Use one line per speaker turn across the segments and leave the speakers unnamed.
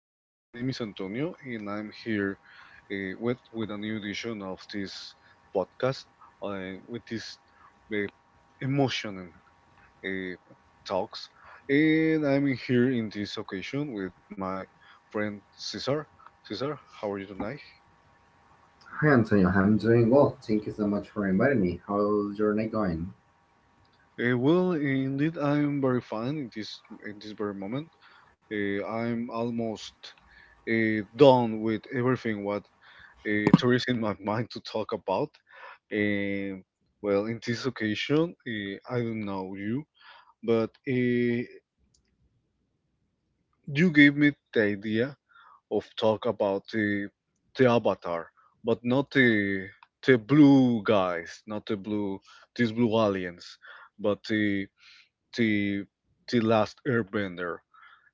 My name is Antonio, and I'm here with a new edition of this podcast with this uh, emotional uh, talks. And I'm here in this occasion with my friend Cesar. Cesar, how are you tonight?
Hi Antonio, I'm doing well. Thank you so much for inviting me. How's your night going?
Well, indeed, I'm very fine in this very moment. I'm almost done with everything what it's tourist in my mind to talk about. Um, well, in this occasion, I don't know you, but you gave me the idea of talk about the avatar, but not the blue guys, not the blue aliens, but the the last Airbender.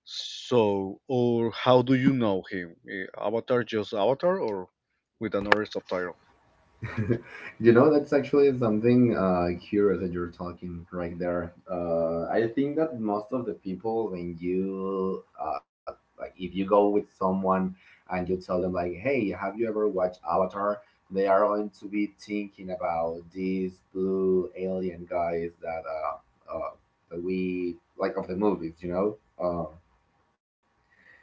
So, or how do you know him? Avatar, just Avatar, or with another subtitle?
You know, that's actually something curious that you're talking right there. I think that most of the people, when you like, if you go with someone and you tell them like, "Hey, have you ever watched Avatar?" They are going to be thinking about these blue alien guys that that we like of the movies, you know. Um,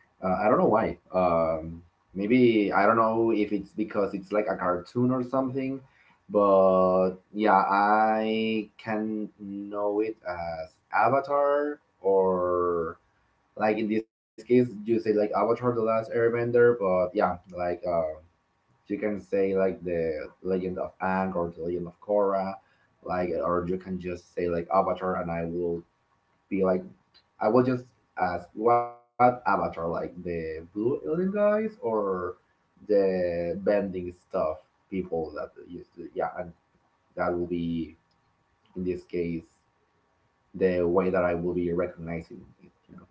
I don't know why. Maybe I don't know if it's because it's like a cartoon or something, but yeah, I can know it as Avatar or like in this case you say like Avatar: The Last Airbender, but yeah, you can say like the Legend of Aang or the Legend of Korra, like or you can just say like Avatar, and I will be like I will just ask what avatar, like the blue alien guys or the bending stuff people that used to, yeah, and that will be in this case the way that I will be recognizing it. You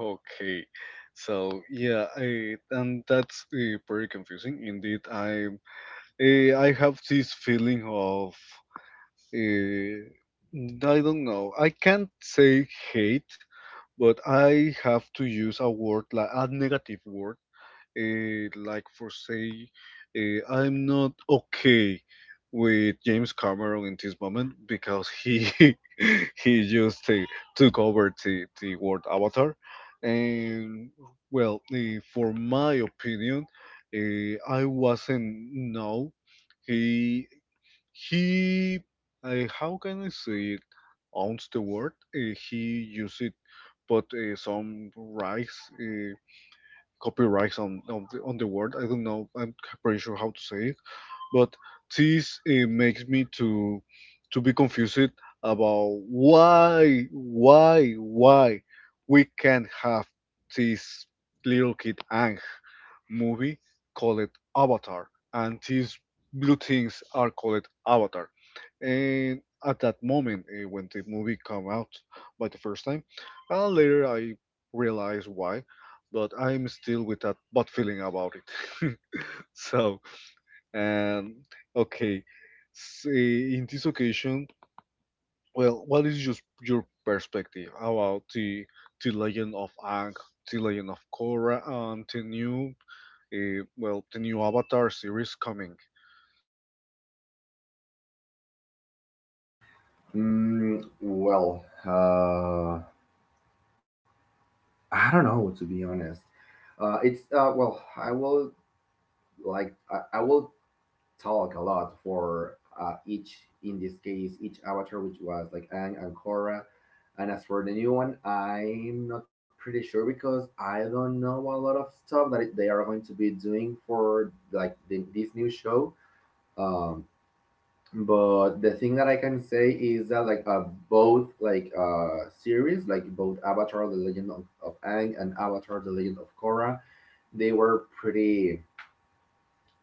Okay, so yeah, and that's pretty confusing indeed. I have this feeling of uh, I don't know. I can't say hate, but I have to use a word like a negative word like for say, I'm not okay with James Cameron in this moment because he he just took over the word Avatar, and well, for my opinion, I wasn't no he he how can I say it owns the word he used it, but some rights. Copyrights on on the word. I don't know. I'm pretty sure how to say it, but this makes me to be confused about why we can't have this little kid Ang movie called Avatar, and these blue things are called Avatar, and at that moment when the movie come out by the first time. And later I realized why, but I'm still with that bad feeling about it. So um okay in this occasion, well, what is just your perspective about the legend of Ang, the legend of Korra, and the new well, the new avatar series coming?
know. I don't know to be honest. It's Well, I will like I will talk a lot for each in this case each avatar, which was like Aang and Korra, and as for the new one, I'm not pretty sure because I don't know a lot of stuff that they are going to be doing for like this new show. um but the thing that I can say is that both series, like both Avatar the Legend of Aang and Avatar the Legend of Korra, they were pretty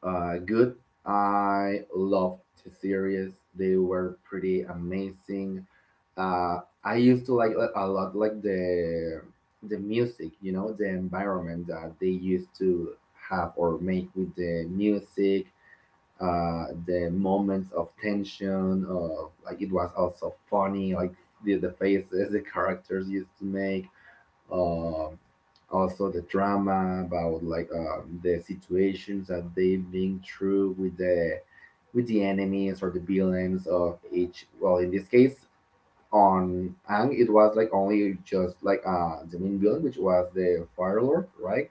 good. I loved the series. They were pretty amazing. Uh, I used to like a lot like the music, you know, the environment that they used to have or make with the music, the moments of tension. Like it was also funny, like the faces the characters used to make, uh, also the drama about the situations that they've been through with the enemies or the villains of each. Well, in this case, on Ang, it was like only just like the main villain, which was the Fire Lord, right?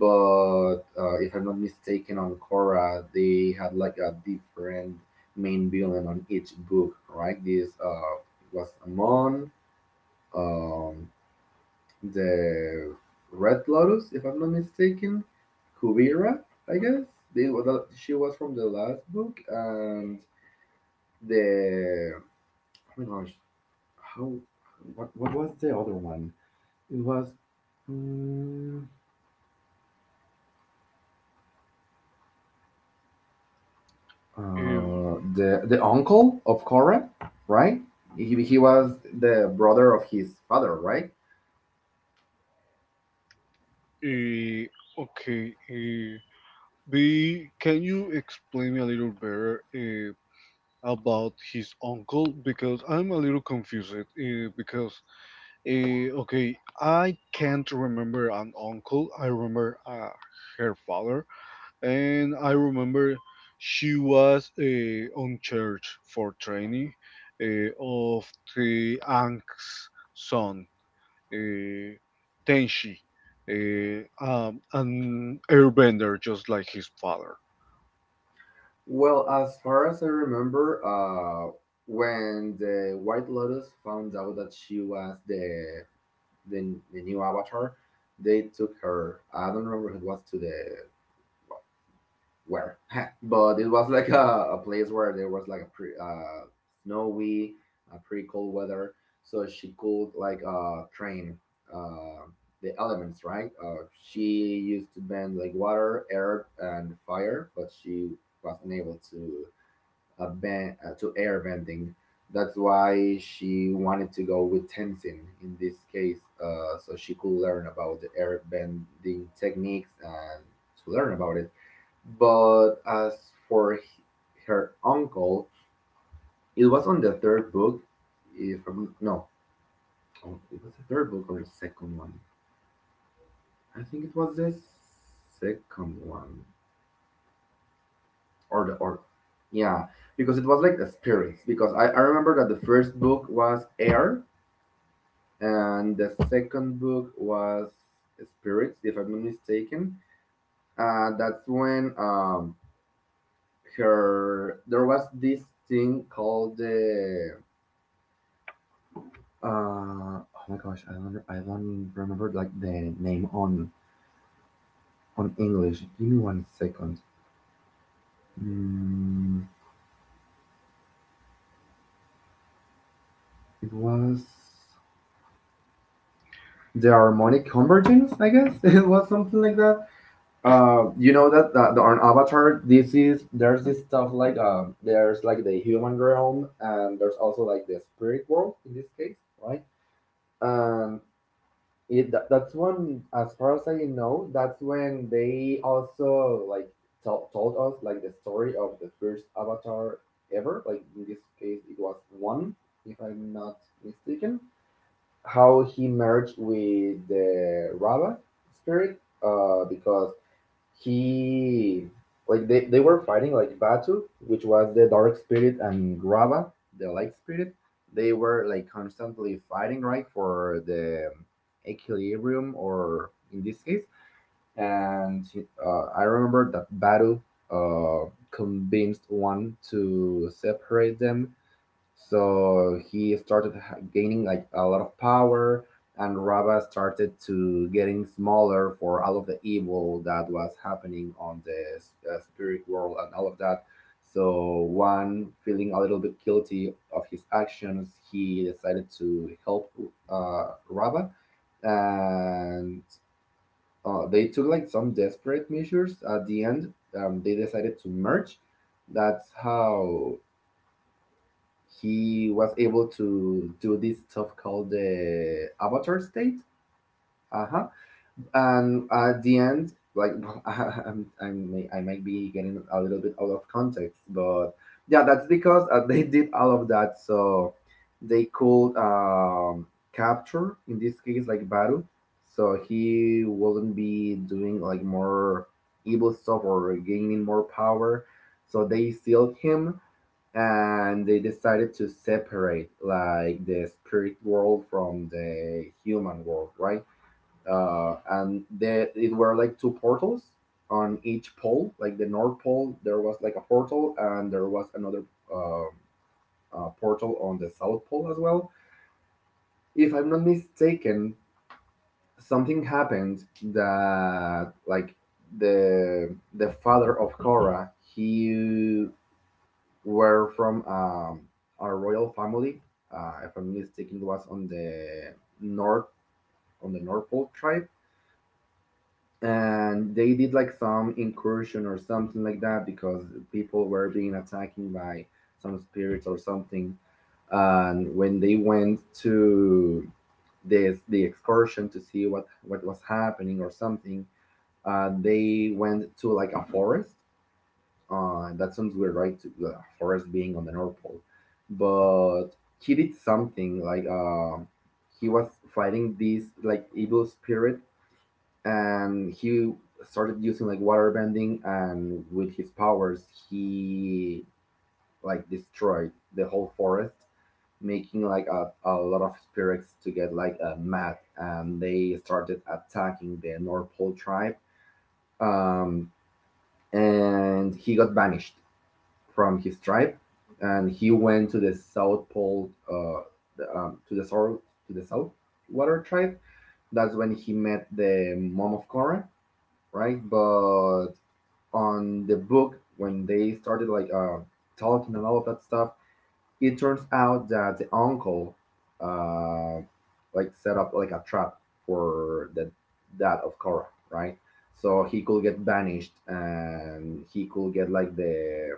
But if I'm not mistaken, on Korra, they had like a different main villain on each book, right? This was Amon. Um, the Red Lotus, if I'm not mistaken, Kuvira, I guess. She was from the last book, and the oh my gosh, how what was the other one? It was mm,
Eh,
the uncle of Korra, right? He was the brother of his father, right?
eh, okay, B, can you explain me a little better about his uncle? Because I'm a little confused. Because, okay, I can't remember an uncle. I remember her father, and I remember she was on church for training of the Ank's son, uh, Tenshi, an airbender just like his father.
Well, as far as I remember, when the White Lotus found out that she was the, the new Avatar, they took her. I don't remember it was to the where, but it was like a place where there was like a snowy, pretty cold weather, so she could train uh, the elements, right? She used to bend like water, air, and fire, but she was unable to to air bending. That's why she wanted to go with Tenzin in this case, so she could learn about the air bending techniques and to learn about it. But as for her uncle, it was on the third book. If I'm, no, Oh, it was the third book or the second one. I think it was the second one or the or yeah, because it was like the spirits. Because I remember that the first book was air, and the second book was Spirits, if I'm not mistaken. That's when her there was this thing called the uh, oh my gosh, I don't remember like the name on English. Give me one second. Mm, it was the harmonic convergence, I guess. It was something like that. You know that on Avatar, this is there's this stuff there's like the human realm, and there's also like the spirit world in this case, right? Um, it that's when, as far as I know, that's when they also like told us like the story of the first Avatar ever. Like in this case, it was one, if I'm not mistaken, how he merged with the Rava spirit, because he like they were fighting like Batu, which was the dark spirit, and Grava, the light spirit. They were like constantly fighting, right, for the equilibrium, or in this case. And I remember that Batu uh, convinced one to separate them, so he started gaining like a lot of power, and Rava started to getting smaller for all of the evil that was happening on the spirit world and all of that. So one, feeling a little bit guilty of his actions, he decided to help Rava, and they took like some desperate measures. At the end, they decided to merge. That's how he was able to do this stuff called the avatar state. Uh huh. And at the end, like I might be getting a little bit out of context, but yeah, that's because they did all of that, so they could capture in this case like Baru, so he wouldn't be doing like more evil stuff or gaining more power. So they sealed him, and they decided to separate like the spirit world from the human world, right? And it were like two portals on each pole. Like the north pole, there was like a portal, and there was another um portal on the south pole as well. If I'm not mistaken, something happened that like the the father of Korra, he were from a royal family. If I'm not mistaken, it was on the north on the Norfolk tribe, and they did like some incursion or something like that because people were being attacked by some spirits or something. And when they went to this the excursion to see what was happening or something, they went to like a forest. That sounds weird, right? The forest being on the North Pole, but he did something he was fighting this like evil spirit, and he started using like water bending, and with his powers, he like destroyed the whole forest, making like a lot of spirits to get mad, and they started attacking the North Pole tribe. Um, and he got banished from his tribe, and he went to the South Pole, the, um, to the south, to the South Water tribe. That's when he met the mom of Korra, right? But on the book, when they started talking and all of that stuff, it turns out that the uncle, uh, like set up like a trap for the dad of Korra, right? So he could get banished, and he could get like the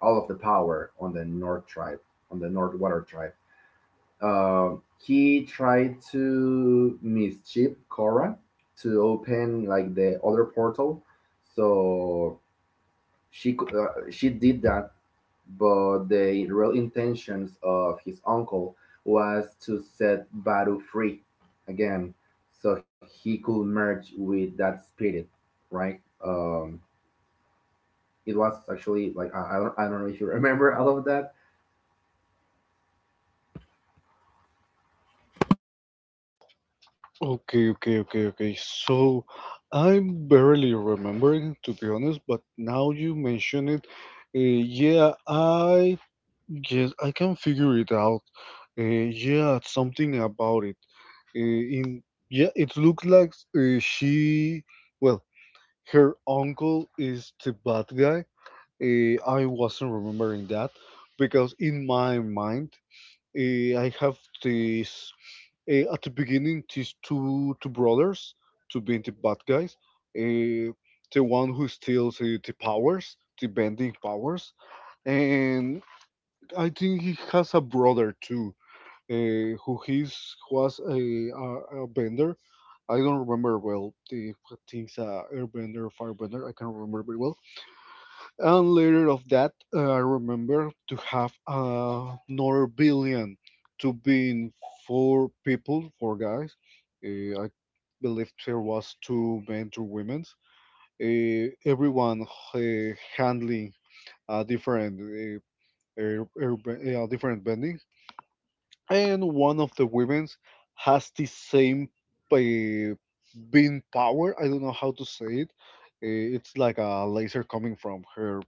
all of the power on the North tribe, on the North Water tribe. He tried to mischief Korra to open like the other portal, so she did that. But the real intentions of his uncle was to set Baru free again, so he could merge with that spirit, right? Um, it was actually like I don't know if you remember all of that.
Okay. So I'm barely remembering, to be honest, but now you mention it, yeah, I guess I can figure it out. Yeah, something about it. In yeah, it looks like uh, she, well, her uncle is the bad guy. I wasn't remembering that because in my mind, I have this. At the beginning, these two brothers, two being the bad guys, uh, the one who steals the powers, the bending powers, and I think he has a brother too, who he's was a bender. I don't remember well the things, airbender, firebender. I can't remember very well, and later of that I remember to have another billion to be in four people, four guys. I believe there was two men, two women, everyone uh, handling a different different bending. And one of the women has the same uh, being power. I don't know how to say it. It's like a laser coming from her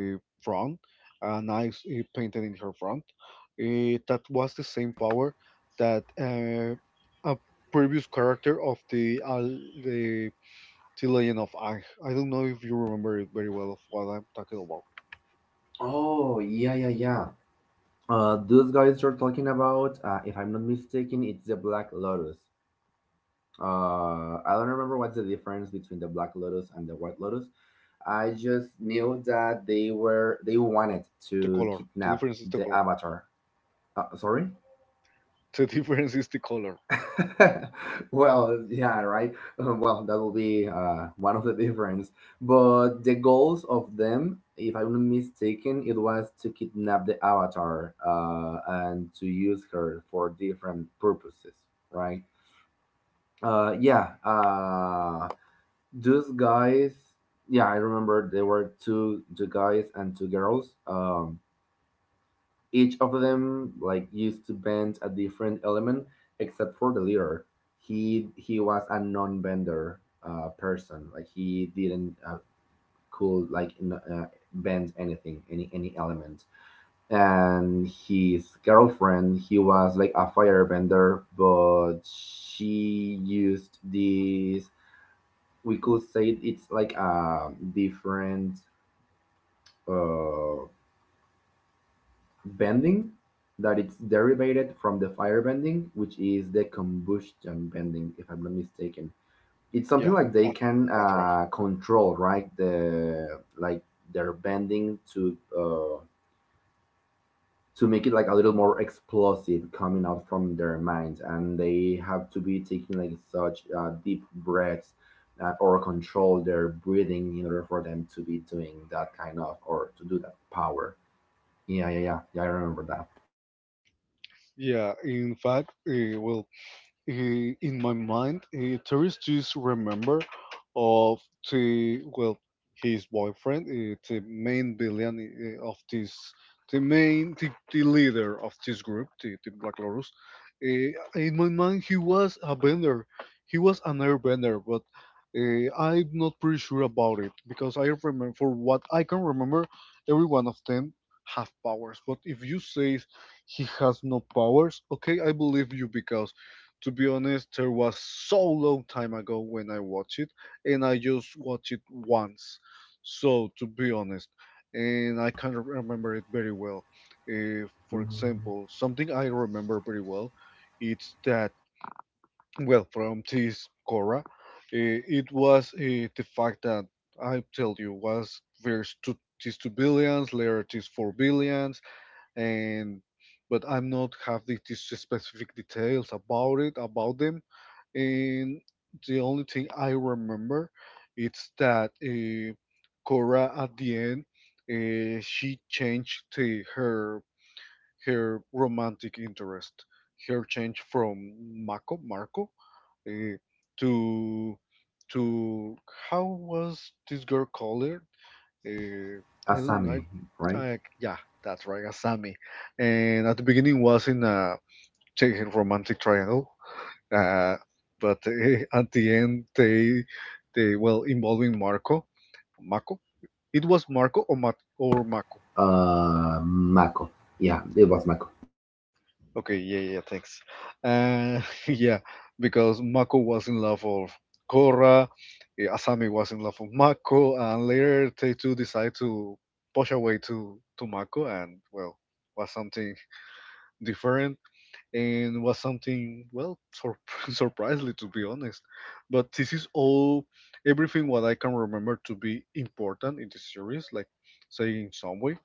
front, a nice painting in her front. That was the same power that a previous character of the the the Legend of Aang. I don't know if you remember it very well of what I'm talking about.
Oh, yeah, yeah, yeah. Those guys you're talking about, if I'm not mistaken, it's the Black Lotus. I don't remember what's the difference between the Black Lotus and the White Lotus. I just knew that they wanted
The
to
color. The
kidnap
difference is the
the
color.
Avatar. Sorry.
The difference is the color.
Well, yeah, right. Well, that will be one of the difference. But the goals of them, if I'm not mistaken, it was to kidnap the avatar and to use her for different purposes, right? Yeah, those guys. Yeah, I remember there were two guys and two girls. Each of them like used to bend a different element, except for the leader. He was a non-bender person. Like he didn't could like bend anything, any element. And his girlfriend, he was like a firebender, but she used this. We could say it's like a different uh bending that it's derived from the fire bending, which is the combustion bending, if I'm not mistaken. It's something
Yeah,
like they
that,
can
that's right.
control, right? The like their bending to make it like a little more explosive coming out from their minds, and they have to be taking like such deep breaths. Or control their breathing in order for them to be doing that kind of or to do that power. Yeah, yeah, yeah, yeah, I remember that.
Yeah, in fact, well, in my mind, there is this remember of the well, his boyfriend, the main villain of this, the main, the leader of this group, the Black Lotus. In my mind, he was a bender. He was an airbender, but I'm not pretty sure about it because I remember, for what I can remember, every one of them have powers. But if you say he has no powers, okay, I believe you because, to be honest, there was so long time ago when I watched it, and I just watched it once. So, to be honest, and I can't remember it very well. For
Mhm.
example, something I remember very well, it's that well from this Cora, it was the fact that I tell you was there's two, these two billions, later these four billions, and but I'm not have these specific details about it about them. And the only thing I remember, it's that Cora at the end, she changed to her her romantic interest. Her change from Marco uh, to to how was this girl called? Her? I don't like.
Asami, right?
Yeah, that's right, Asami. And at the beginning was in a romantic triangle, uh, but at the end, they well involving Marco, Mako. It was Marco or Mako.
Mako. Yeah, it was Mako.
Okay, yeah, yeah, thanks. Uh, yeah, because Mako was in love of Korra, Asami was in love of Mako, and later they two decide to push away to Mako, and well, was something different, and was something well surprisingly, to be honest. But this is all everything what I can remember to be important in the series, like say in some way.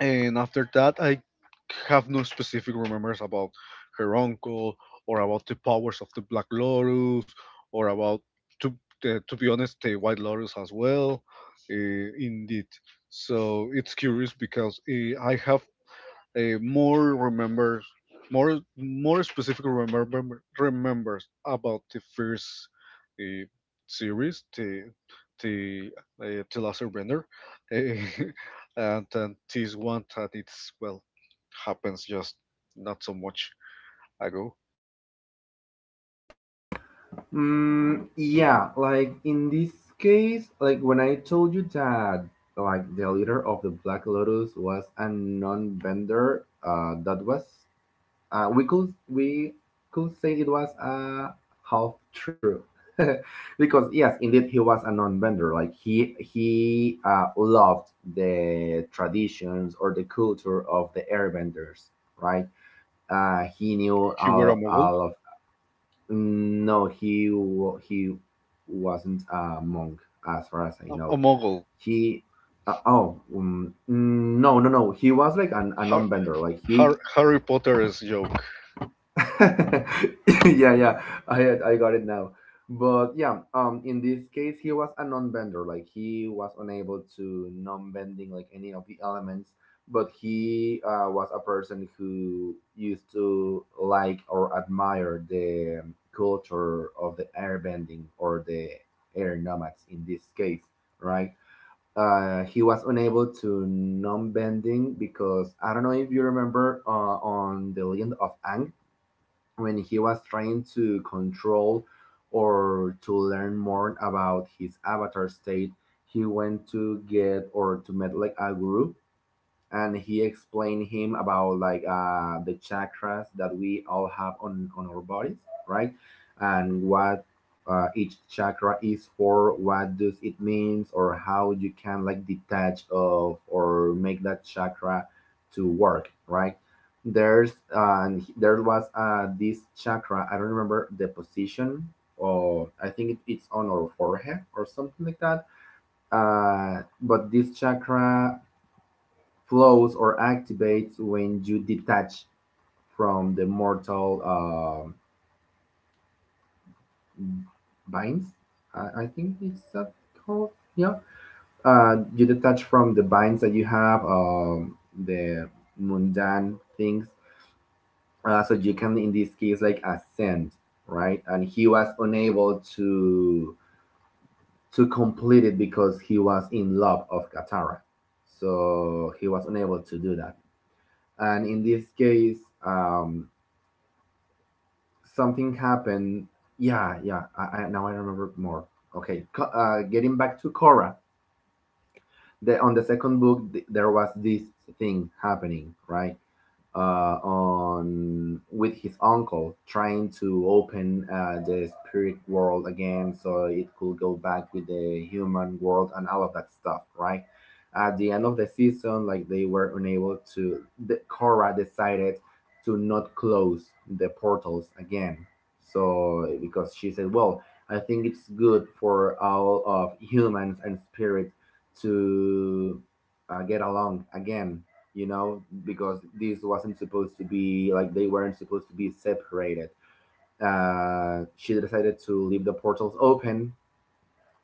And after that, I have no specific remembers about her uncle, or about the powers of the Black Lotus, or about to the, to be honest, the White Lotus as well, uh, indeed. So it's curious because I have more remembers, more specifically remembers about the first uh, series, the the last surrender, uh, and then this one that it's well happens just not so much ago.
Mm, yeah, like in this case, like when I told you that like the leader of the Black Lotus was a non-bender, that was we could say it was a half true. Because yes, indeed, he was a non-bender. Like he loved the traditions or the culture of the airbenders, right? He knew
He were a mogul.
all of No, he wasn't a monk as far as I
A
know.
mogul.
He oh no, no, no, he was like a
Har,
non-bender, like he…
Harry Potter's joke.
Yeah, yeah, I got it now. But yeah, in this case, he was a non-bender. Like he was unable to non-bending like any of the elements. But he was a person who used to like or admire the culture of the airbending or the air nomads in this case, right? He was unable to non-bending because I don't know if you remember, on the Legend of Ang, when he was trying to control or to learn more about his avatar state, he went to get or to meet like a guru, and he explained him about like the chakras that we all have on our bodies, right? And what each chakra is for, what does it means, or how you can like detach of or make that chakra to work, right? There was this chakra. I don't remember the position. Or I think it's on our forehead or something like that. But this chakra flows or activates when you detach from the mortal binds. I think it's that called. Yeah. You detach from the binds that you have, the mundane things. So you can, in this case, like ascend, right? And he was unable to complete it because he was in love of Katara, so he was unable to do that. And in this case, um, something happened. Yeah, yeah. I now I remember more. Okay, getting back to Cora, on the second book, there was this thing happening, right? On with his uncle, trying to open the spirit world again, so it could go back with the human world and all of that stuff, right? At the end of the season, like they were unable to. Korra decided to not close the portals again. So because she said, well, I think it's good for all of humans and spirits to get along again, you know, because this wasn't supposed to be like they weren't supposed to be separated. She decided to leave the portals open,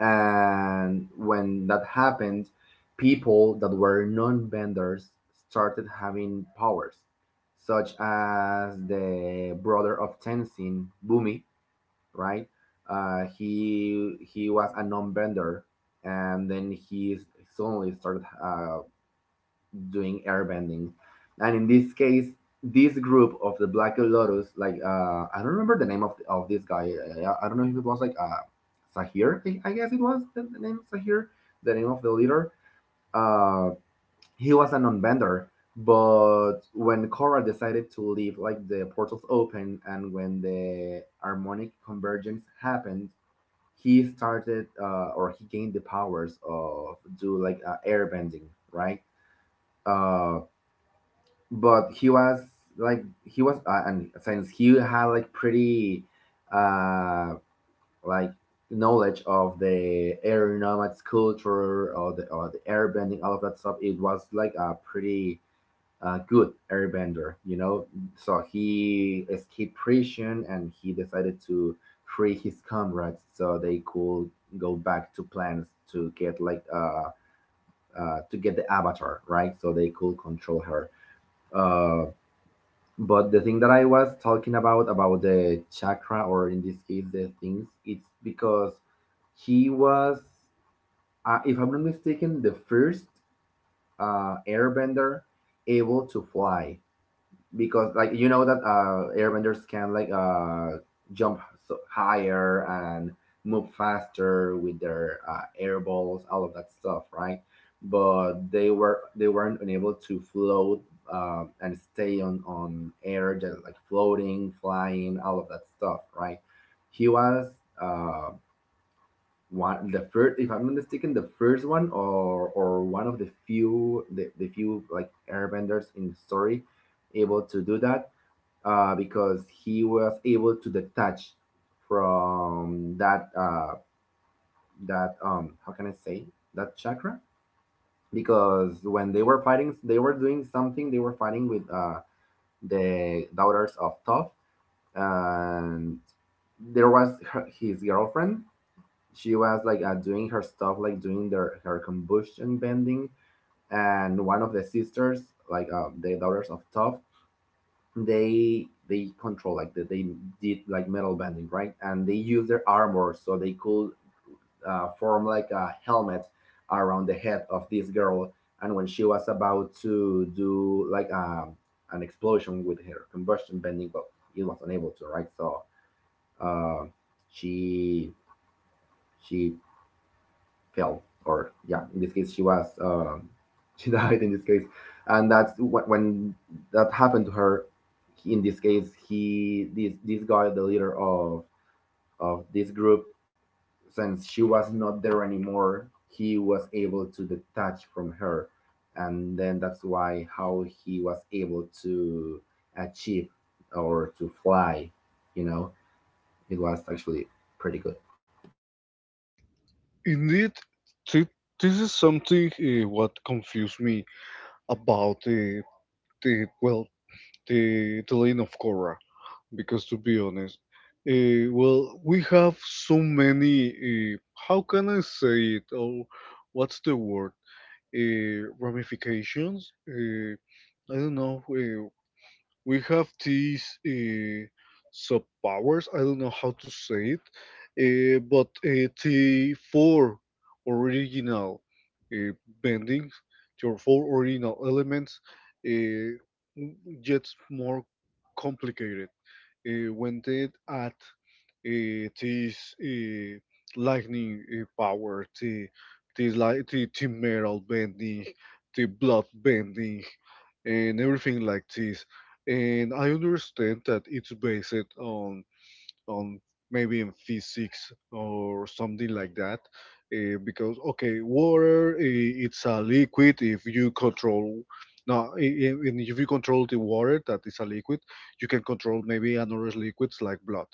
and when that happened, people that were non benders started having powers, such as the brother of Tenzin, Bumi, right? He was a non bender, and then he suddenly started doing airbending. And in this case, this group of the Black Lotus, like I don't remember the name of this guy. I don't know if it was like Sahir. I guess it was the name Sahir, the name of the leader. Uh, he was a non-bender, but when Korra decided to leave, like the portals open, and when the harmonic convergence happened, he started or he gained the powers of do like airbending, right? Um, but he was like he was and since he had like pretty uh like knowledge of the air nomads culture or the airbending, all of that stuff, it was like a pretty good airbender, you know. So he escaped prison and he decided to free his comrades so they could go back to plans to get like to get the avatar, right? So they could control her. uh. But the thing that I was talking about the chakra, or in this case, the things, it's because he was, if I'm not mistaken, the first airbender able to fly, because like you know that airbenders can like jump so higher and move faster with their air balls, all of that stuff, right? But they weren't unable to float and stay on air, just like floating, flying, all of that stuff, right? He was uh one the first if I'm not mistaken, the first one or one of the few, the few like airbenders in the story able to do that, because he was able to detach from that how can I say, that chakra. Because when they were fighting, they were fighting with the daughters of Toph, and there was his girlfriend. She was like doing her stuff, like doing their her combustion bending. And one of the sisters, like the daughters of Toph, they did like metal bending, right? And they used their armor so they could form like a helmet around the head of this girl. And when she was about to do like a an explosion with her combustion bending, but it was unable to, right? So uh, she she fell, or yeah, in this case, she was she died in this case. And when that happened to her, in this case, he this this guy, the leader of this group, since she was not there anymore, he was able to detach from her. And then that's why how he was able to achieve or to fly, you know. It was actually pretty good.
Indeed, thi- this is something what confused me about the well the the Legend of Korra. Because, to be honest, well, we have so many. How can I say it? Oh, what's the word? Ramifications. I don't know. We have these sub powers. I don't know how to say it, but the four original uh, bendings, your four original elements, uh, gets more complicated when they add this lightning power, the this like the metal bending, the blood bending, and everything like this. And I understand that it's based on maybe in physics or something like that, because okay, water it's a liquid if you control. No, i- and if you control the water that is a liquid, you can control maybe another liquids like blood,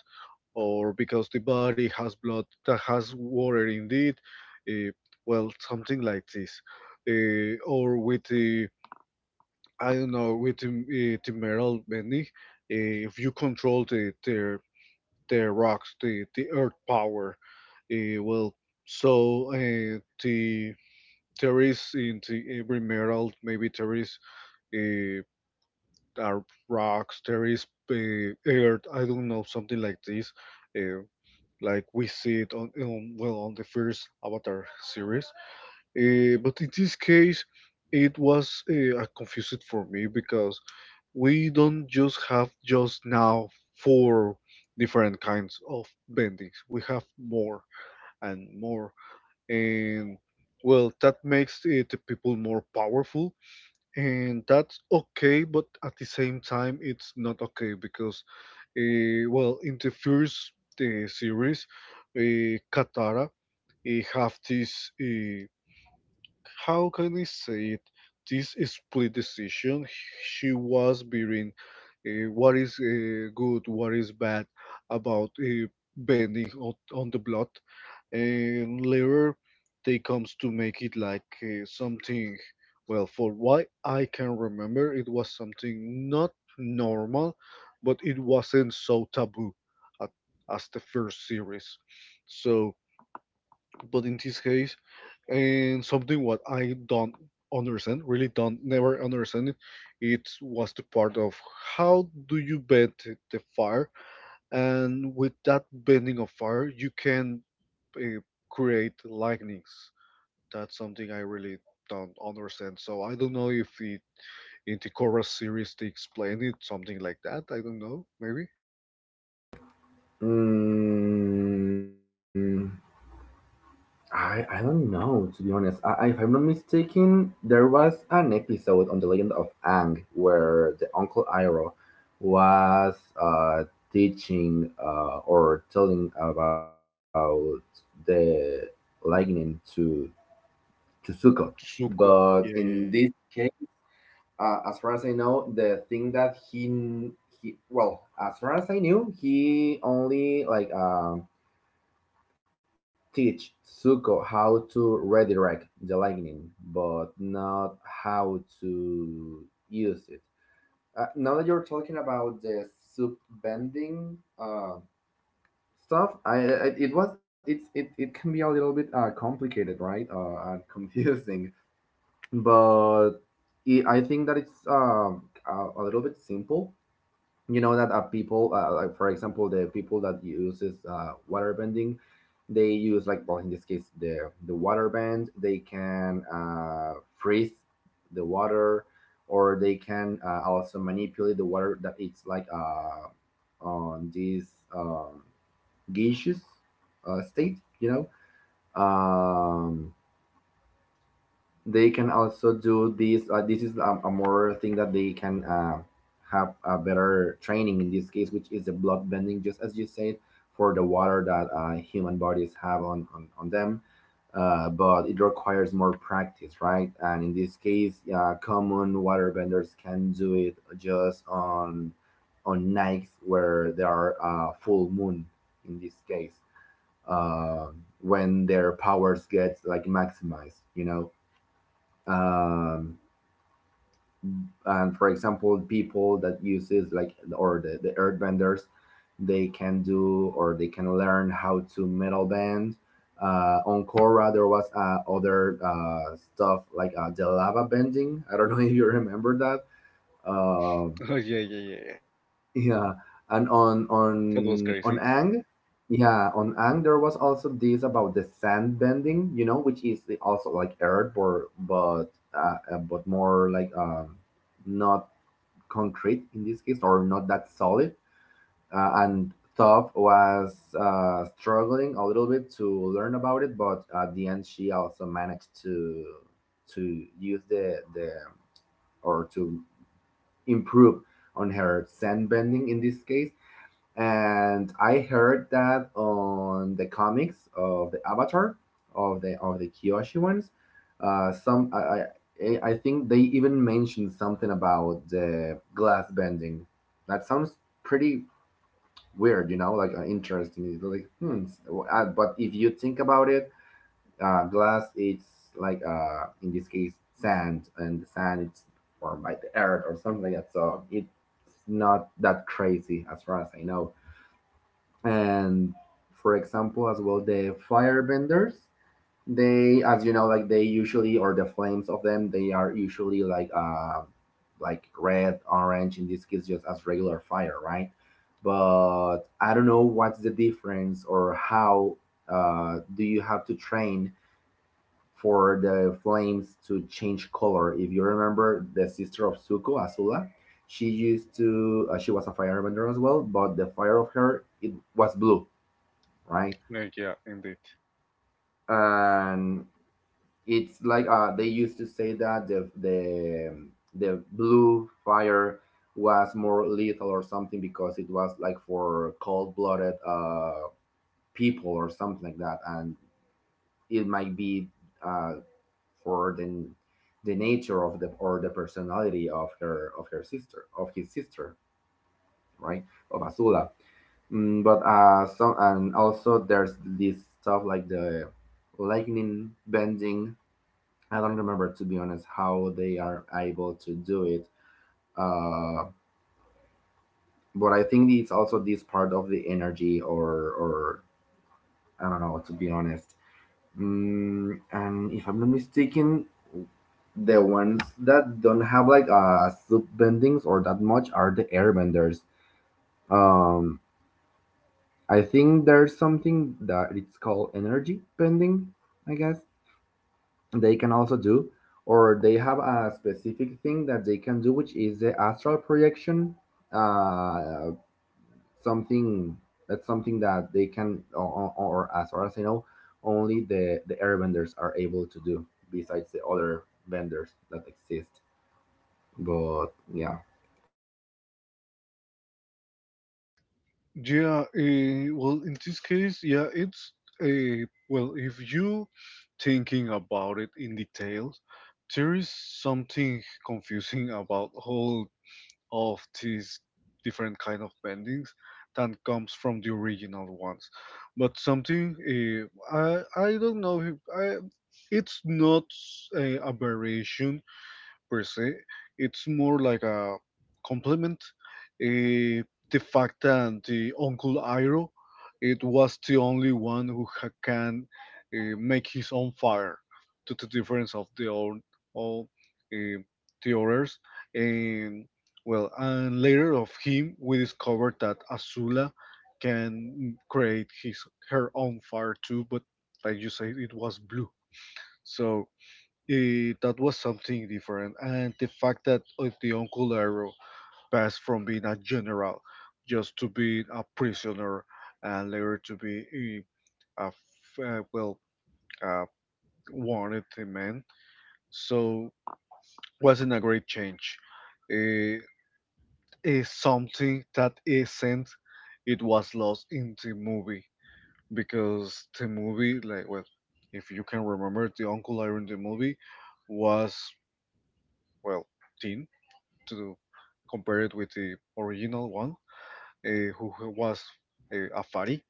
or because the body has blood that has water indeed, uh, well, something like this, or with the I don't know with Timeral Bending, if you control the rocks, the earth power, well, so there is in the every metal maybe there is uh, are rocks, there is earth. I don't know something like this, uh, like we see it on well on the first Avatar series. But in this case, it was confused for me because we don't just have just now four different kinds of bendings. We have more and more, and well, that makes it the people more powerful, and that's okay. But at the same time, it's not okay because, well, in the first series, Katara have this. How can I say it? This split decision, she was bearing what is good, what is bad about bending on the blood, and later they comes to make it like something. Well, for what I can remember, it was something not normal, but it wasn't so taboo at, as the first series. So, but in this case, and something what I don't understand, really don't never understand it. It was the part of how do you bend the fire, and with that bending of fire, you can uh, create lightnings. That's something I really don't understand. So I don't know if it in the Korra series they explain it something like that. I don't know, maybe
Mm, I don't know, to be honest. If I'm not mistaken, there was an episode on the Legend of Ang where the Uncle Iroh was uh, teaching or telling about the lightning to Zuko,
Tsuko.
but
Yeah,
in this
yeah,
case, as far as I know, the thing that as far as I knew, he only like teach Zuko how to redirect the lightning, but not how to use it. Now that you're talking about the soup bending uh, stuff, I it was it's it, it can be a little bit complicated, right? And confusing, but I think that it's a little bit simple, you know. That people like for example, the people that uses water bending, they use like, well, in this case, the water bend, they can freeze the water, or they can also manipulate the water that it's like on this um, gaseous state, you know. um, they can also do this this is a more thing that they can have a better training in this case, which is the blood bending, just as you said, for the water that human bodies have on them. But it requires more practice, right? And in this case, common water benders can do it just on nights where there are full moon, in this case, uh, when their powers get like maximized, you know. um, and for example, people that uses like or the earth benders, they can do or they can learn how to metal bend. On Korra, there was other stuff like the lava bending. I don't know if you remember that. Um,
yeah, yeah.
Yeah, and
That was
on
crazy.
Ang, yeah, on Ang there was also this about the sand bending, you know, which is also like earth, but more like not concrete in this case, or not that solid. And Toph was struggling a little bit to learn about it, but at the end she also managed to use the or to improve on her sand bending in this case. And I heard that on the comics of the Avatar, of the Kyoshi ones, some I think they even mentioned something about the glass bending. That sounds pretty weird, you know, like interesting. It's like, hmm. But if you think about it, glass it's like in this case sand, and the sand it's formed by the earth or something like that. So it's not that crazy, as far as I know. And for example as well, the firebenders, they, as you know, like, they usually, or the flames of them, they are usually like red orange, in this case, just as regular fire, right? But I don't know what's the difference, or how do you have to train for the flames to change color. If you remember the sister of Suko, Azula, she used to she was a firebender as well, but the fire of her, it was blue, right?
Yeah, indeed.
And it's like, they used to say that the blue fire was more lethal or something, because it was like for cold blooded, people, or something like that, and it might be, uh, for the, nature of the, or the personality of her, of her sister, of his sister, right? Of Azula. But some and also there's this stuff like the lightning bending. I don't remember, to be honest, how they are able to do it. Uh, but I think it's also this part of the energy, or I don't know, to be honest. And if I'm not mistaken, the ones that don't have like soup bendings or that much are the airbenders. Um, I think there's something that it's called energy bending, I guess. They can also do, or they have a specific thing that they can do, which is the astral projection, uh, something something that they can, or as far as I know, only the airbenders are able to do, besides the other vendors that exist, but yeah.
Yeah, well, in this case, yeah, it's a well, if you thinking about it in details, there is something confusing about all of these different kind of bendings that comes from the original ones. But something I don't know if I it's not a aberration per se. It's more like a compliment. Eh, the fact that the Uncle Iroh, it was the only one who can make his own fire, to the difference of the own all uh, the others. And well, and later of him, we discovered that Azula can create his her own fire too, but like you said, it was blue. So that was something different, and the fact that the Uncle Arrow passed from being a general just to being a prisoner, and later to be a f- uh, well, uh, wanted man, so wasn't a great change. Eh, Is something that isn't. It was lost in the movie because the movie, if you can remember, the Uncle Iron the movie was well teen to compare it with the original one, who was Afari.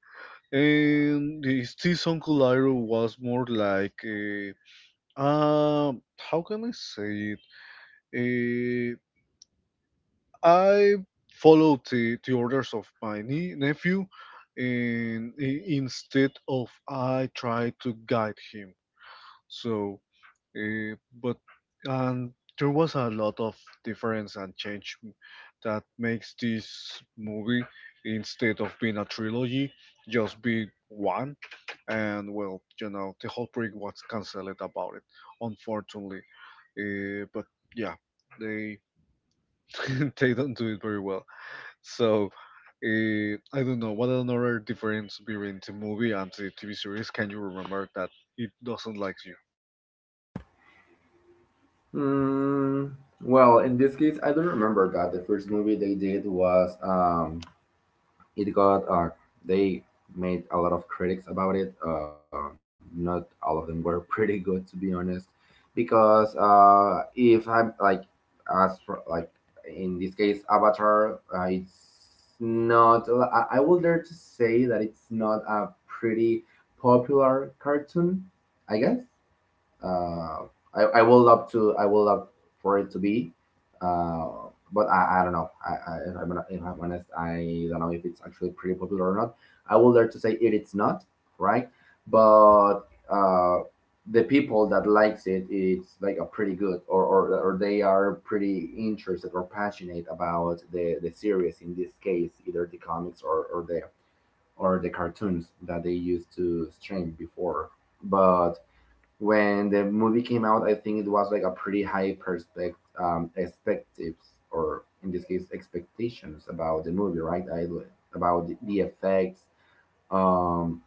And his this Uncle Iroh was more like, um, how can I say it? Uh, I followed the orders of my nephew, and instead of I tried to guide him. So Uh, but and there was a lot of difference and change that makes this movie instead of being a trilogy just be one, and well, you know, the whole project was cancelled about it, unfortunately, but yeah, they they don't do it very well. So I don't know what another difference between the movie and the TV series. Can you remember that it doesn't like you?
mm, well, in this case, I don't remember that the first movie they did was it got they made a lot of critics about it. Not all of them were pretty good, to be honest, because if I'm like, as for, like, in this case, Avatar, it's not. I will dare to say that it's not a pretty popular cartoon, I guess. Uh, I would love to. I would love for it to be, uh, but I don't know. I if I'm not- If I'm honest, I don't know if it's actually pretty popular or not. I would dare to say it, it's not right, but uh, the people that likes it, it's like a pretty good, or they are pretty interested or passionate about the series. In this case, either the comics, or the cartoons that they used to stream before. But when the movie came out, I think it was like a pretty high perspect expectives, or in this case, expectations about the movie, right? I About the effects. Um,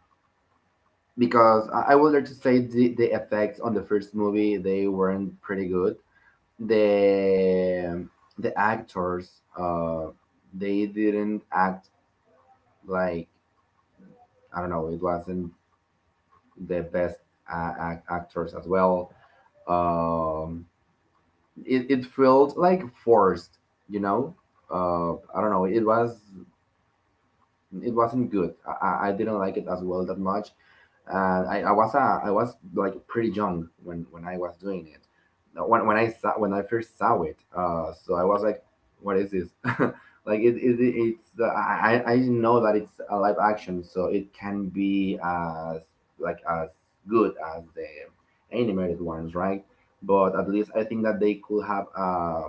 because I would like to say the effects on the first movie, they weren't pretty good. The the actors, uh they didn't act, like, I don't know, it wasn't the best, actors as well. Um, it felt like forced, you know I don't know, it wasn't good. I didn't like it as well that much, and I was like pretty young when I was doing it. Now, when I first saw it, so I was like, what is this? Like it's, I know that it's a live action, so it can be as as good as the animated ones, right? But at least I think that they could have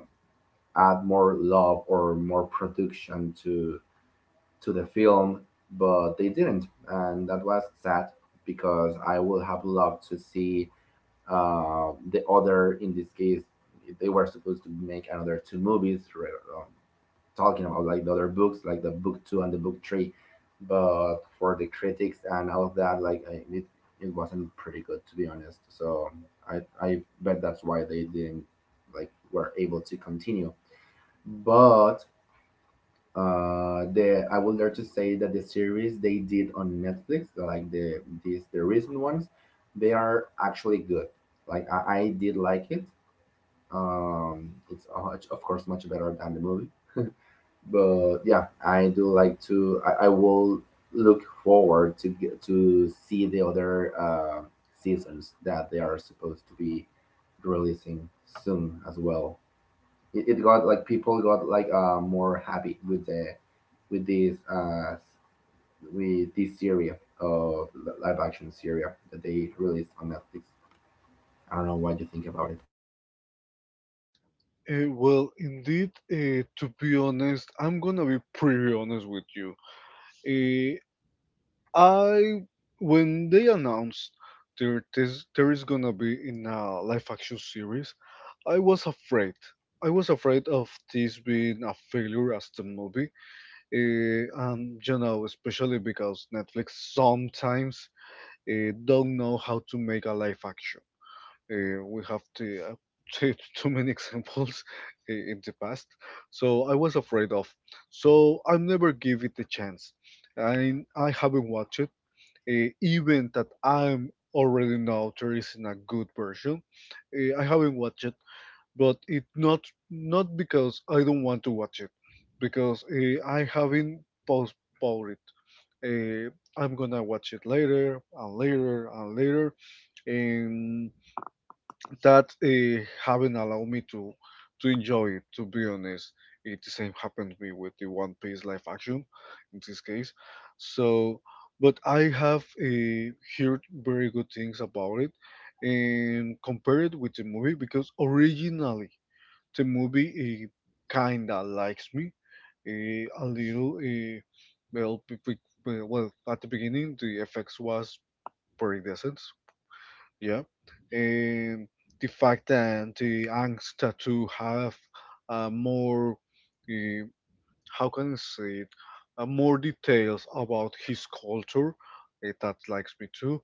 add more love or more production to the film, but they didn't, and that was sad, because I would have loved to see, the other. In this case, they were supposed to make another two movies, um, talking about like the other books, like the book two and the book three, but for the critics and all of that, like, I, it wasn't pretty good, to be honest. So I I bet that's why they didn't, like, were able to continue, but the I would dare to say that the series they did on Netflix, like these, the recent ones, they are actually good. Like, I did like it. um it's, of course, much better than the movie, but yeah, I do like to I will look forward to to see the other, seasons that they are supposed to be releasing soon as well. It got like People got, like, more happy with the with this, with this series of live action series that they released on Netflix. I don't know what you think about it.
Well, indeed, to be honest, I'm gonna be pretty honest with you. Uh, I, when they announced there is gonna be in a live action series, I was afraid. I was afraid of this being a failure as the movie, and you know, especially because Netflix sometimes don't know how to make a live action. We have to, too many examples in the past, so I was afraid of. So I never give it a chance. I haven't watched it, even that I'm already know there isn't a good version. I haven't watched it, but it not because I don't want to watch it, because I haven't postponed it. Uh, I'm gonna watch it later and later and later, and that haven't allowed me to enjoy it. To be honest, it the same happened to me with the One Piece live action in this case. So, but I have heard very good things about it and compare it with the movie because originally the movie kinda likes me a little. At the beginning the effects was pretty decent, yeah. And the fact that the youngster to have more, uh, how can I say it, more details about his culture, that likes me too.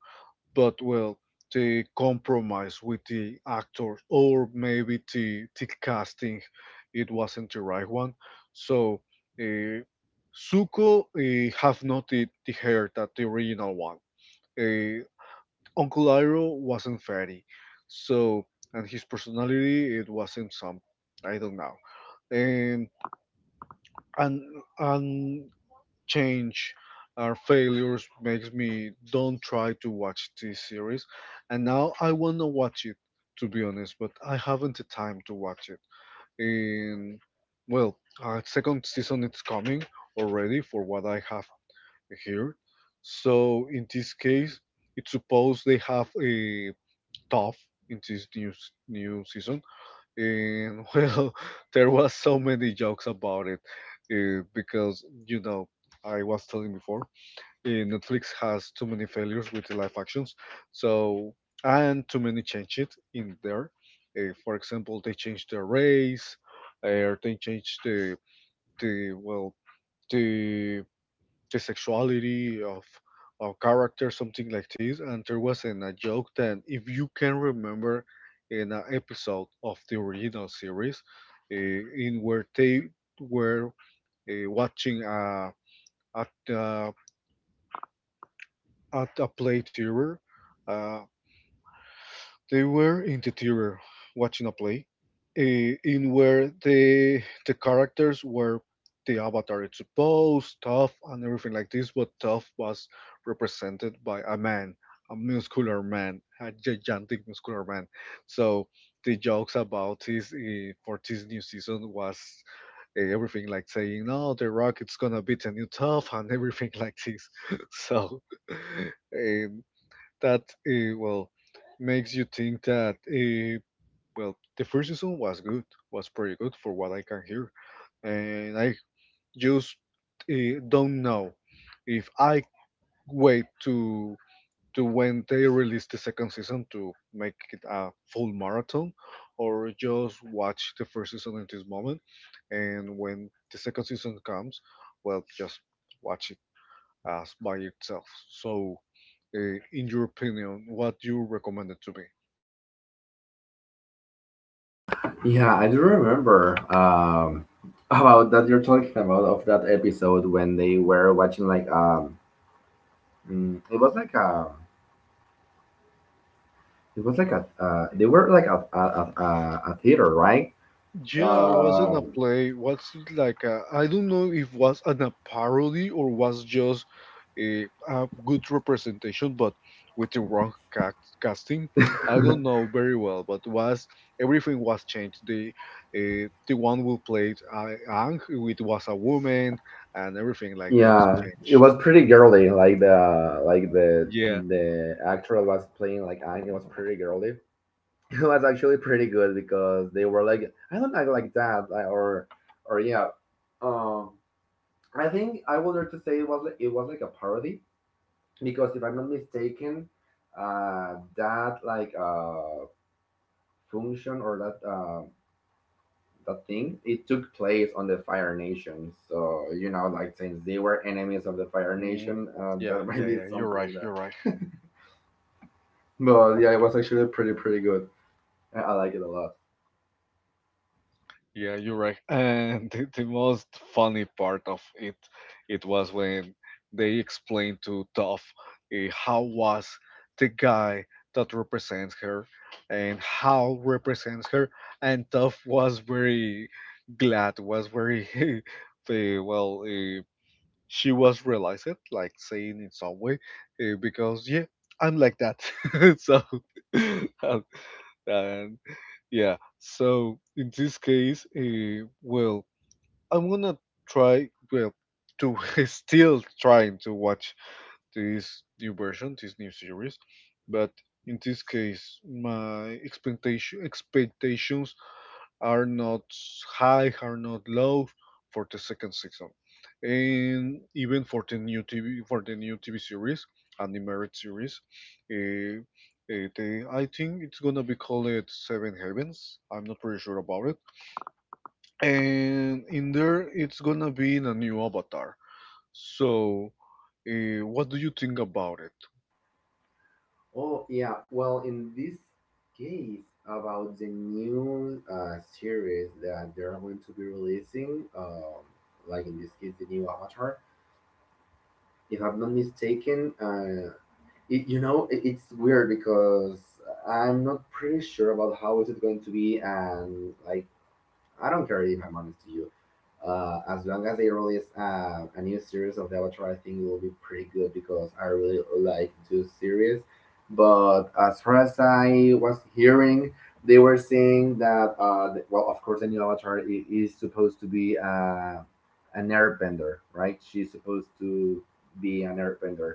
But well, the compromise with the actors or maybe the casting, it wasn't the right one. So uh, Zuko have not the hair that the original one. eh, Uncle Iroh wasn't fatty, so and his personality it wasn't some, I don't know. And and and change our failures makes me don't try to watch this series. And now I wanna watch it, to be honest, but I haven't the time to watch it. And well, second season it's coming already for what I have here. So in this case, it's supposed they have a tough in this new new season, and well, there was so many jokes about it because you know I was telling before, Netflix has too many failures with the live actions, so and too many changes in there. For example, they changed the race, or they changed the well the the sexuality of character, something like this. And there was in a joke that, if you can remember, in an episode of the original series, in where they were watching at uh, at a play theater. Uh, They were in the theater watching a play, in where the characters were the avatar. It's supposed tough and everything like this, but tough was represented by a man, a muscular man, a gigantic muscular man. So the jokes about this for this new season was everything like saying, "No, The Rock it's gonna be the new tough" and everything like this. So. eh, that uh, well makes you think that well the first season was good, was pretty good for what I can hear, and I just don't know if I wait to when they release the second season to make it a full marathon, or just watch the first season at this moment, and when the second season comes, well, just watch it as by itself. So in your opinion, what you recommended to me?
Yeah, I do remember, about that you're talking about, of that episode when they were watching, like, it was like a, they were like a, a a theater, right.
Yeah, wasn't
um
a play. Was like a, I don't know if was an a parody or was just a good representation, but with the wrong ca casting. I don't know very well, but was everything was changed. The one who played Ang, it was a woman, and everything like that
Yeah, it
changed.
was pretty girly. Like
Yeah.
the actor that was playing, like, Ang. It was pretty girly. It was actually pretty good because they were like, I don't act like that, like, or yeah. Um, I think I would like to say it was like a parody, because if I'm not mistaken, that, like, function, or that the thing, it took place on the Fire Nation. So you know, like, since they were enemies of the Fire
Mm,
Nation,
yeah,
there might
yeah,
be
yeah. You're
something
right.
like
You're right.
that. But yeah, it was actually pretty pretty good. I like it a lot.
Yeah, you're right. And the most funny part of it, it was when they explained to Duff how was the guy that represents her and how represents her, and Duff was very glad, was very uh, well, uh, she was realized it, like saying in some way, because yeah, I'm like that. So uh, and yeah, so in this case, well, I'm gonna try, well, to still trying to watch this new version, this new series, but in this case, my expectations are not high, are not low for the second season, and even for the new TV for the new TV series, and the married series. Uh, they, I think it's gonna be called it Seven Heavens. I'm not pretty sure about it. And in there, it's gonna be in a new avatar. So, what do you think about it?
Oh yeah, well, in this case, about the new, series that they're going to be releasing, like, in this case, the new avatar, if I'm not mistaken, it, you know, it, it's weird, because I'm not pretty sure about how is it going to be, and, like, I don't care, if I'm honest to you. As long as they release, a new series of the Avatar, I think it will be pretty good, because I really like this series. But as far as I was hearing, they were saying that, well, of course, the new Avatar is supposed to be, an airbender, right? She's supposed to be an airbender,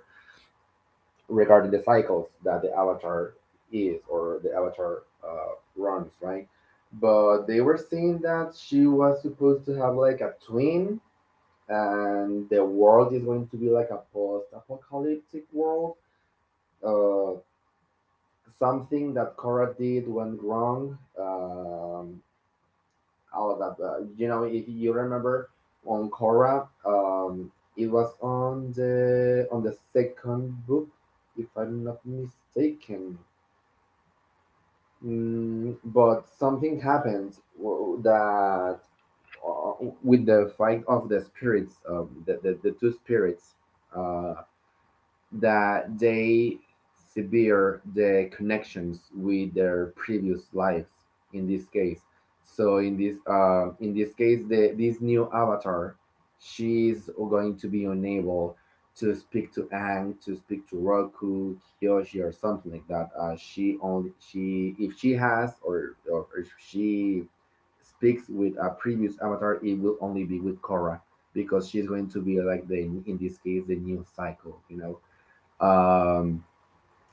regarding the cycles that the avatar runs, right? But they were saying that she was supposed to have, like, a twin, and the world is going to be like a post apocalyptic world. Uh, Something that Korra did went wrong. All of that. You know, if you remember, on Korra, it was on the second book, if I'm not mistaken. But something happened, w- that uh, with the fight of the spirits, the two spirits. Uh, that they sever the connections with their previous lives, in this case. So in this, in this case, this new avatar, she's going to be unable to speak to Ang, to speak to Roku, Kyoshi, or something like that. She only she If she has, or if she speaks with a previous avatar, it will only be with Korra, because she's going to be like the, in this case, the new cycle, you know. Um,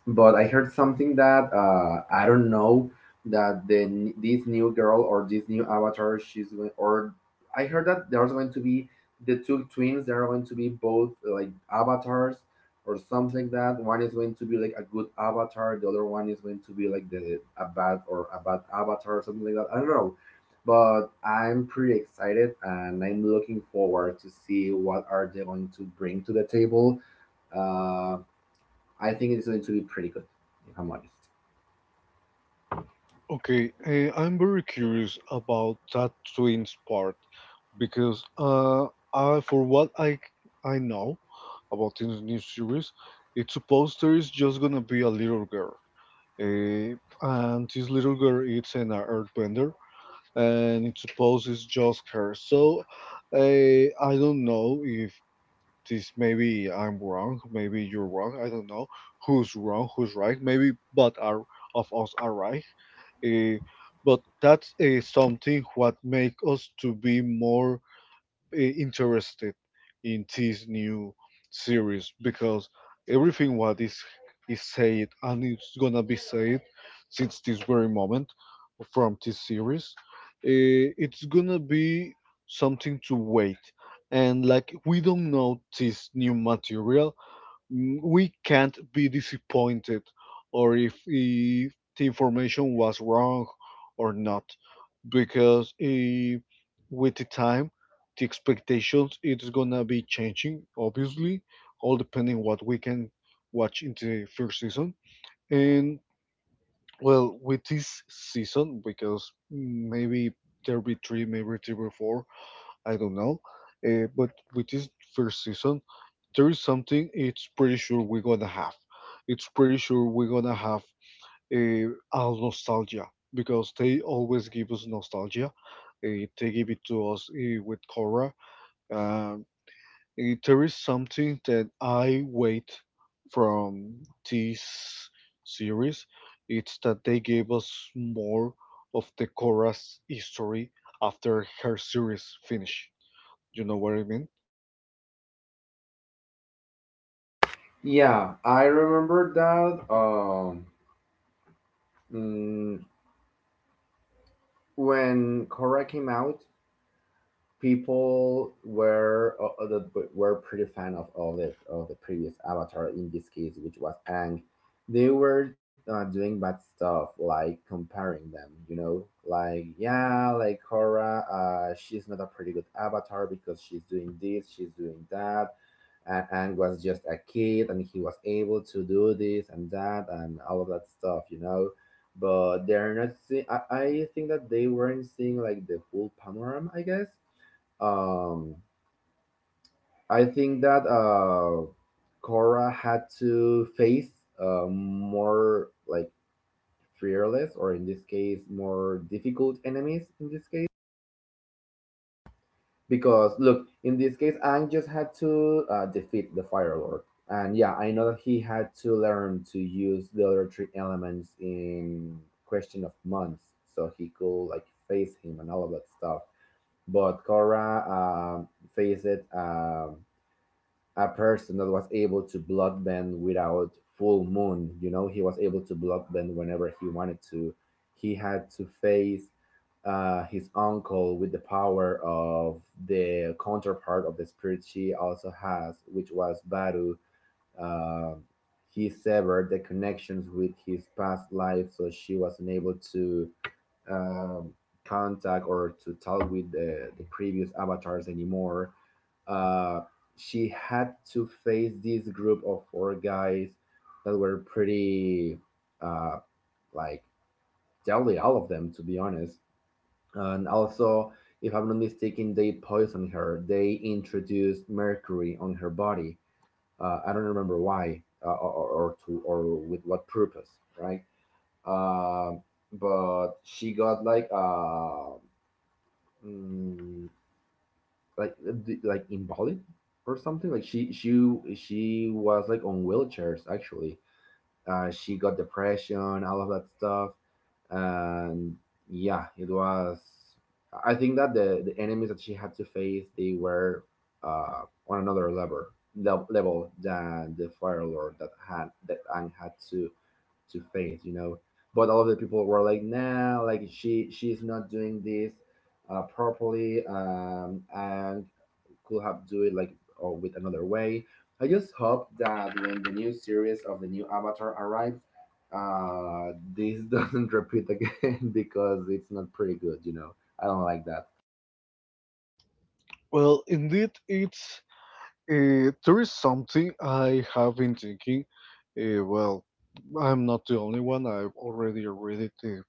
but I heard something that, I don't know, that this new girl, or this new avatar, she's going or I heard that there's going to be the two twins. They're going to be both, like, avatars, or something like that. One is going to be like a good avatar. The other one is going to be like the a bad or a bad avatar, or something like that. I don't know. But I'm pretty excited, and I'm looking forward to see what are they going to bring to the table. Uh, I think it's going to be pretty good, if I'm honest.
Okay, I'm very curious about that twins part, because for what I know about this new series, it's supposed there is just gonna be a little girl, uh, and this little girl is an earthbender, and it's supposed it's just her. So I don't know if this maybe I'm wrong, maybe you're wrong. I don't know who's wrong, who's right. Maybe both are of us are right. Uh, but that's something what make us to be more interested in this new series because everything what is said and it's gonna be said since this very moment from this series it's gonna be something to wait, and like we don't know this new material. Mm, we can't be disappointed or if the information was wrong or not, because with the time the expectations it's gonna be changing obviously, all depending what we can watch in the first season. And well, with this season, because maybe there'll be three, maybe three or four, I don't know. But with this first season there is something it's pretty sure we're gonna have, it's pretty sure we're gonna have all nostalgia because they always give us nostalgia. They give it to us with Korra. Um, there is something that I wait from this series. It's that they gave us more of the Korra's history after her series finished. You know what I mean?
Yeah, I remember that, mm, when Korra came out, people were, that were pretty fan of, of the previous avatar, in this case, which was Ang. They were, doing bad stuff, like comparing them. You know, like yeah, like Korra, she's not a pretty good avatar, because she's doing this, she's doing that, and Ang was just a kid, and he was able to do this and that, and all of that stuff, you know. But they're not seeing. I think that they weren't seeing, like, the full panorama, I guess. um, I think that, Cora had to face, more like fearless, or in this case, more difficult enemies. In this case, because look, in this case, Ang just had to, defeat the Fire Lord, and yeah, I know that he had to learn to use the other three elements in question of months, so he could, like, face him and all of that stuff. But Cora, faced it. A person that was able to blood bend without full moon. You know, he was able to blood bend whenever he wanted to. He had to face, his uncle, with the power of the counterpart of the spirit she also has, which was Baru. Uh, he severed the connections with his past life, so she was unable to, um, contact, or to talk with the previous avatars anymore. uh, she had to face this group of four guys that were pretty, uh, like, deadly, all of them, to be honest. And also, if I'm not mistaken, they poisoned her. They introduced mercury on her body. I don't remember why, or to, or with what purpose, right? Uh, but she got, like, mm, like invalid, or something, like she was, like, on wheelchairs, actually. She got depression, all of that stuff. And yeah, it was, I think that the enemies that she had to face, they were, uh on another level than the Fire Lord that had that Aang had to face, you know. But all of the people were like, nah, like she's not doing this, properly, and could have do it, like, or with another way. I just hope that when the new series of the new Avatar arrives, this doesn't repeat again, because it's not pretty good. You know, I don't like that.
Well, indeed, it's there is something I have been thinking. Well, I'm not the only one. I've already read it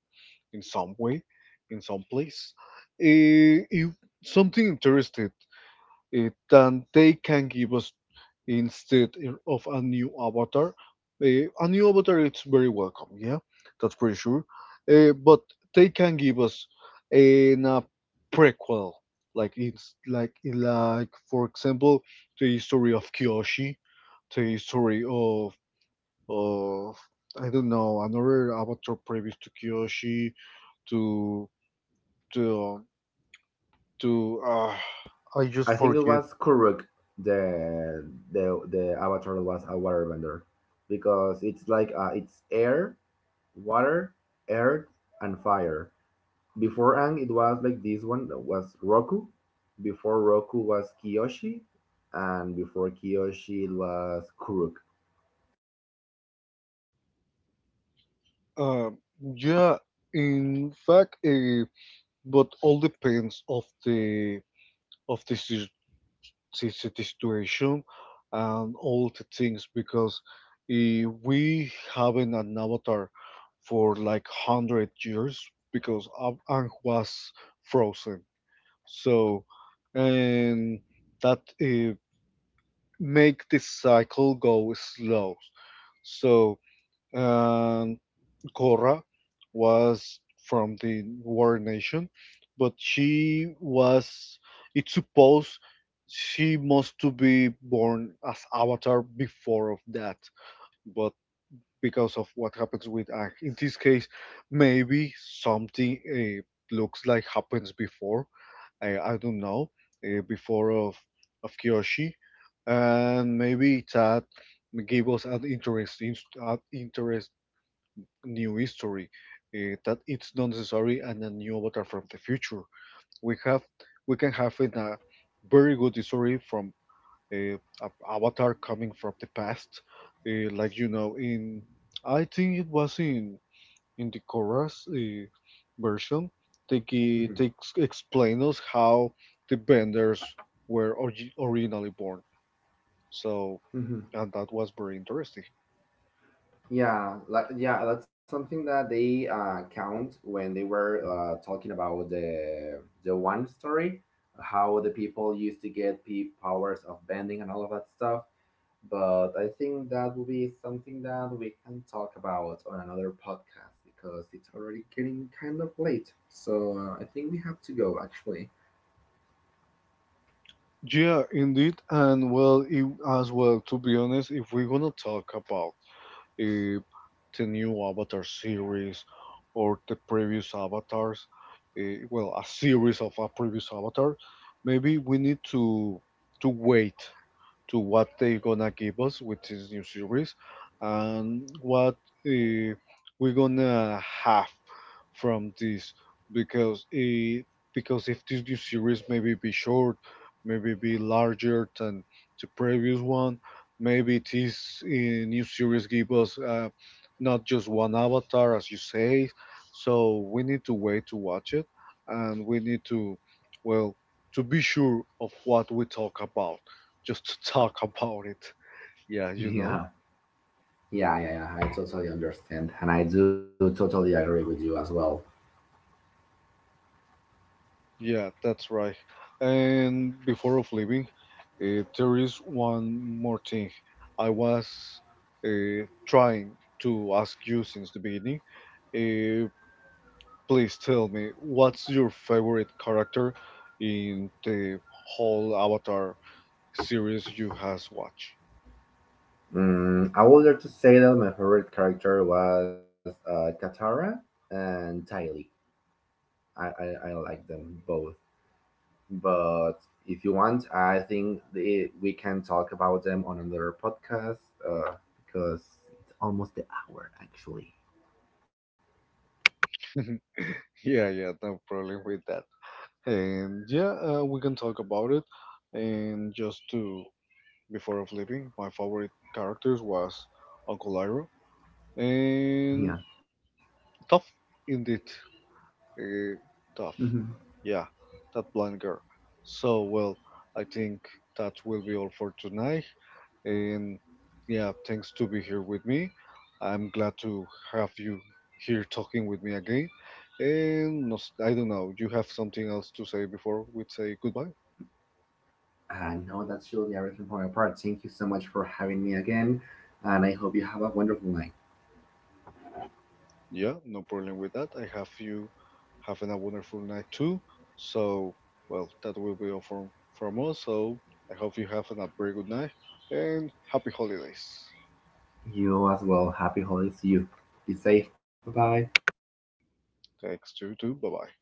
in some way, in some place. If something interested than they can give us instead of a new avatar. A new avatar it's very welcome, yeah, that's pretty sure. But they can give us a prequel, like it's like for example the history of Kyoshi, the history of I don't know another avatar previous to Kyoshi to to um, to uh, I just
I think it
forget.
was Kuruk, the the Avatar was a waterbender, because it's like, it's air, water, earth, and fire. Before Ang, it was like this one that was Roku. Before Roku was Kiyoshi, and before Kiyoshi, it was Kuruk.
Um, yeah, in fact, but all depends of the situation and all the things because if we haven't an avatar for like hundred years because Ang was frozen. So, and that make the cycle go slow. So, um, Korra was from the war nation, but she was. It's supposed she must to be born as Avatar before of that, but because of what happens with Aang, in this case, maybe something looks like happens before, I don't know, before of Kyoshi, and maybe that gave us an interest, in- an interest new history. That it's not necessary and a new avatar from the future. We have we can have in a very good history from a avatar coming from the past, like you know in I think it was in the chorus version, they,
Mhm.
they explain us how the Benders were originally born. So,
Mhm.
and that was very interesting.
Yeah, like yeah, that's something that they, count when they were, talking about the one story, how the people used to get the powers of bending and all of that stuff. But I think that will be something that we can talk about on another podcast, because it's already getting kind of late. So, I think we have to go, actually.
Yeah, indeed, and well, if, as well, to be honest, if we're gonna talk about uh, the new Avatar series or the previous Avatars, well, a series of a previous Avatar, maybe we need to wait to what they're gonna give us with this new series and what uh, we're gonna have from this, because because if this new series maybe be short, maybe be larger than the previous one, maybe this new series give us not just one avatar as you say, so we need to wait to watch it, and we need to well to be sure of what we talk about, just to talk about it. Yeah, you know.
Yeah, yeah, yeah, yeah, I totally understand, and I do totally agree with you as well.
Yeah, that's right. And before of leaving, there is one more thing. I was trying to ask you since the beginning. Uh, Please tell me, what's your favorite character in the whole Avatar series you has watched?
I would like to say that my favorite character was, Katara and Tylee. I like them both. But if you want, I think we can talk about them on another podcast, uh, because it's almost the hour, actually.
Yeah, yeah, no problem with that. And yeah, we can talk about it. And just to before of leaving, my favorite characters was Uncle Iroh
Yeah.
and tough, indeed. Uh, Tough.
Mhm.
Yeah, that blind girl. So, well, I think that will be all for tonight. And yeah, thanks to be here with me. I'm glad to have you here talking with me again. And no, I don't know, you have something else to say before we say goodbye?
I know that's really everything from my part. Thank you so much for having me again, and I hope you have a wonderful night.
Yeah, no problem with that. I have you having a wonderful night too. So, well, that will be all from us. So, I hope you have a very good night and happy holidays.
You as well. Happy holidays to you. Be safe. Bye bye.
Thanks to you too. Bye bye.